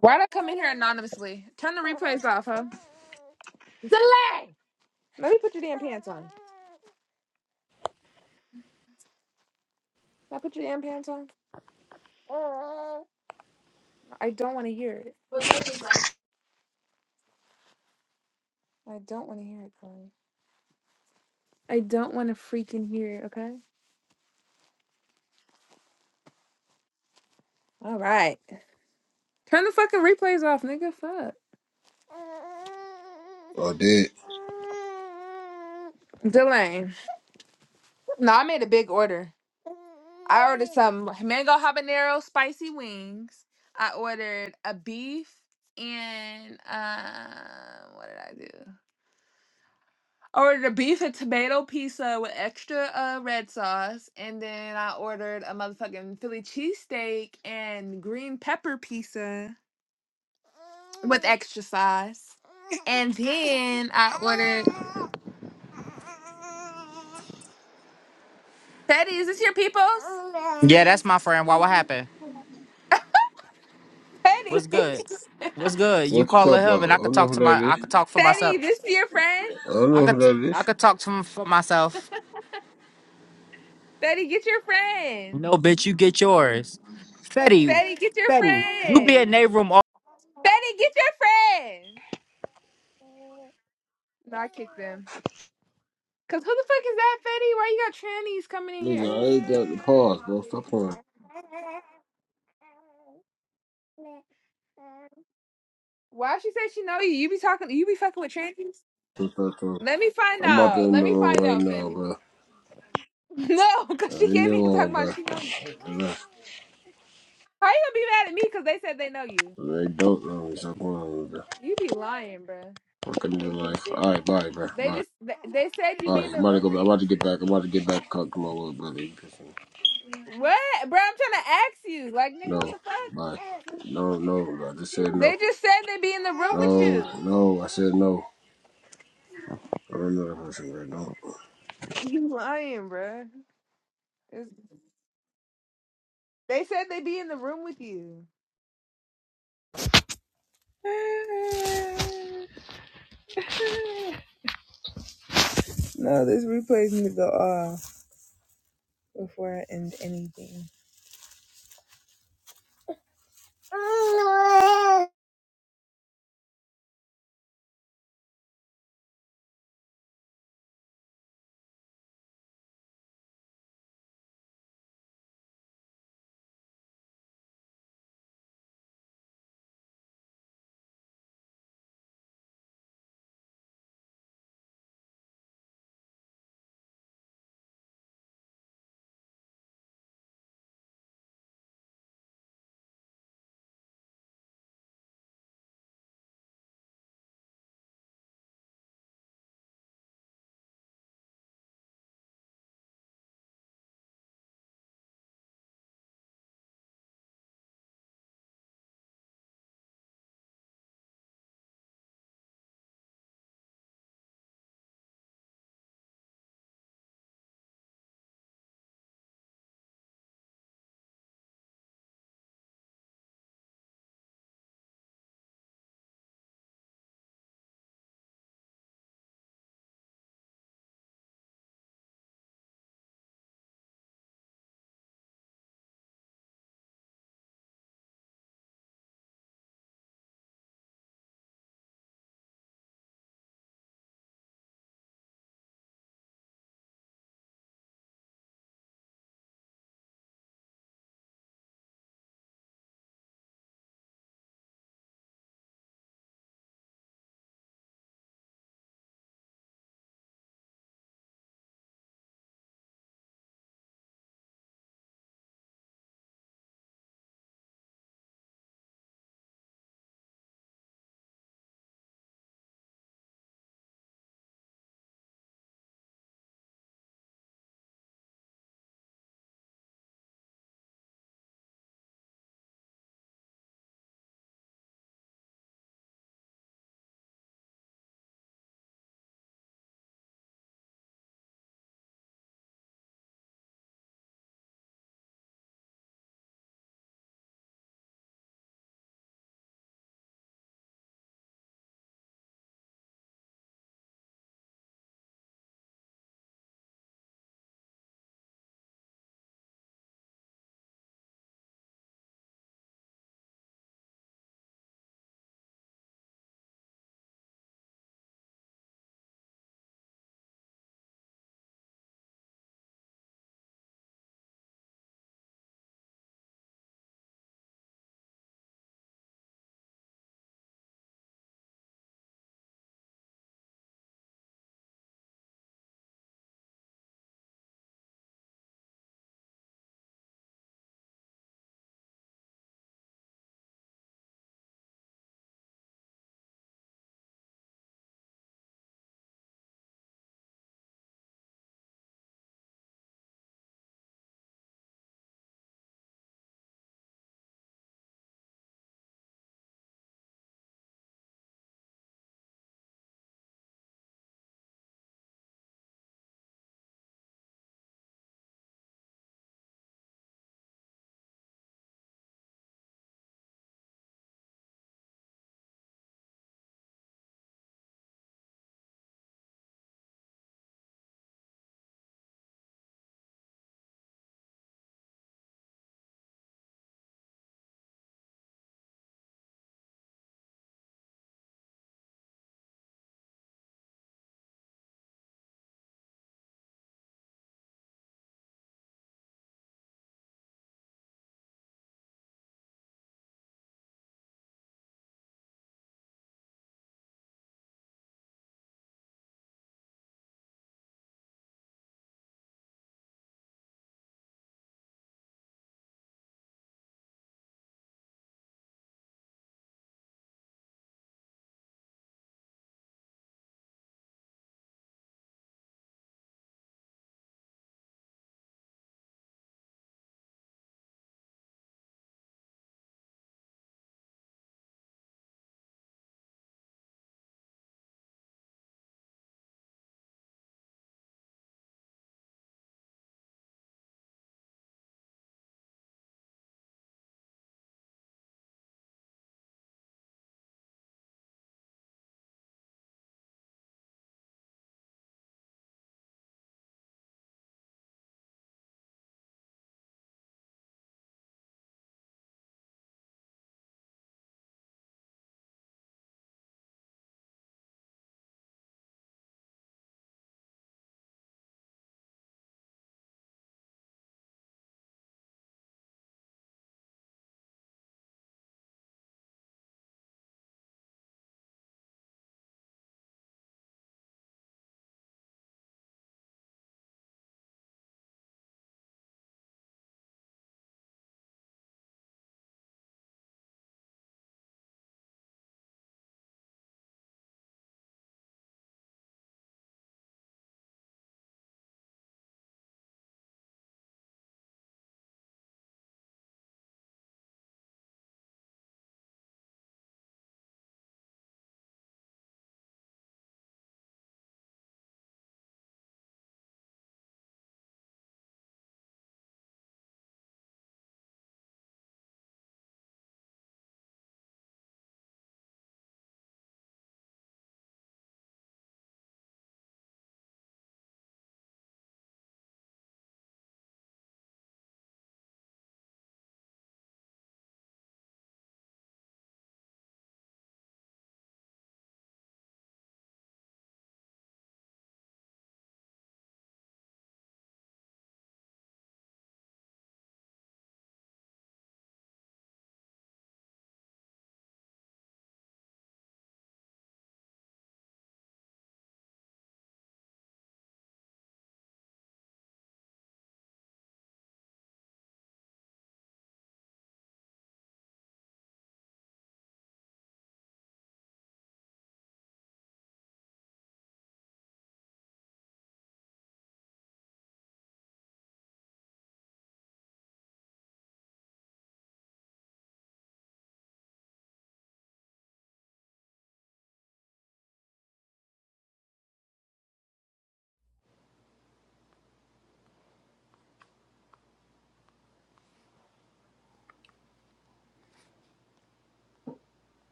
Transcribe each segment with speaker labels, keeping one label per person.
Speaker 1: Why'd I come in here anonymously? Turn the replays off, huh? Delay! Let me put your damn pants on. Can I put your damn pants on? I don't want to hear it. I don't want to hear it, Chloe. I don't want to freaking hear it, okay? All right. Turn the fucking replays off, nigga. Fuck.
Speaker 2: Oh, did
Speaker 1: Delay. No, I made a big order. I ordered some mango habanero spicy wings. I ordered a beef and, um, what did I do? ordered a beef and tomato pizza with extra uh, red sauce, and then I ordered a motherfucking Philly cheesesteak and green pepper pizza with extra sauce. And then I ordered Betty, is this your peoples?
Speaker 3: Yeah, that's my friend. Why? What happened?
Speaker 1: Betty,
Speaker 3: What's good? What's good? You
Speaker 2: what you
Speaker 3: call her
Speaker 2: talk about?
Speaker 3: him, and I
Speaker 2: I
Speaker 3: could
Speaker 2: don't know
Speaker 3: talk
Speaker 2: who
Speaker 3: to
Speaker 2: that
Speaker 3: my.
Speaker 2: is.
Speaker 3: I could talk for
Speaker 1: Betty,
Speaker 3: myself.
Speaker 1: this is your friend.
Speaker 2: I don't
Speaker 3: I
Speaker 2: know who
Speaker 3: could.
Speaker 2: that
Speaker 3: I
Speaker 2: is.
Speaker 3: could talk to him for myself.
Speaker 1: Betty, get your friend.
Speaker 3: No, bitch, you get yours. Fetty,
Speaker 1: Betty, get your
Speaker 3: Fetty, you be in
Speaker 1: friend.
Speaker 3: their room
Speaker 1: Betty, get your friend. No, I kicked them. Cause who the fuck is that, Fetty? Why you got trannies coming in
Speaker 2: Nigga,
Speaker 1: here?
Speaker 2: I ain't got the pause, bro. Stop playing.
Speaker 1: Why she say she know you? You be talking, you be fucking with trannies?
Speaker 2: Stop playing.
Speaker 1: Let me find
Speaker 2: I'm about to
Speaker 1: out.
Speaker 2: end
Speaker 1: Let
Speaker 2: the
Speaker 1: me
Speaker 2: room
Speaker 1: find
Speaker 2: right
Speaker 1: out,
Speaker 2: now,
Speaker 1: Fetty.
Speaker 2: bro.
Speaker 1: No,
Speaker 2: I
Speaker 1: cause she
Speaker 2: ain't
Speaker 1: came
Speaker 2: no
Speaker 1: here talking
Speaker 2: one,
Speaker 1: about
Speaker 2: bro.
Speaker 1: she know. you.
Speaker 2: Enough.
Speaker 1: How you gonna be mad at me? Cause they said they know you.
Speaker 2: They don't know me. Stop playing, bro.
Speaker 1: You be lying, bruh.
Speaker 2: Fucking new life. All right, bye, bro.
Speaker 1: They
Speaker 2: Bye.
Speaker 1: just they, they said
Speaker 2: Bye.
Speaker 1: you be
Speaker 2: right,
Speaker 1: in
Speaker 2: I'm
Speaker 1: the
Speaker 2: about to
Speaker 1: room.
Speaker 2: go back. I'm about to get back. I'm about to get back. Talk to my little brother. You pissing me.
Speaker 1: What, bruh? I'm trying to ask you, like, nigga,
Speaker 2: No,
Speaker 1: what the fuck?
Speaker 2: bye. No, no, bro. I just said
Speaker 1: They
Speaker 2: no.
Speaker 1: just said they be in the room with
Speaker 2: No,
Speaker 1: you.
Speaker 2: no. I said no. I don't know that person, bro. No.
Speaker 1: You lying, bruh. It's- they said they be in the room with you. No, this replays needs to go off before I end anything.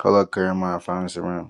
Speaker 4: Hello, up, Jeremiah. Find us around.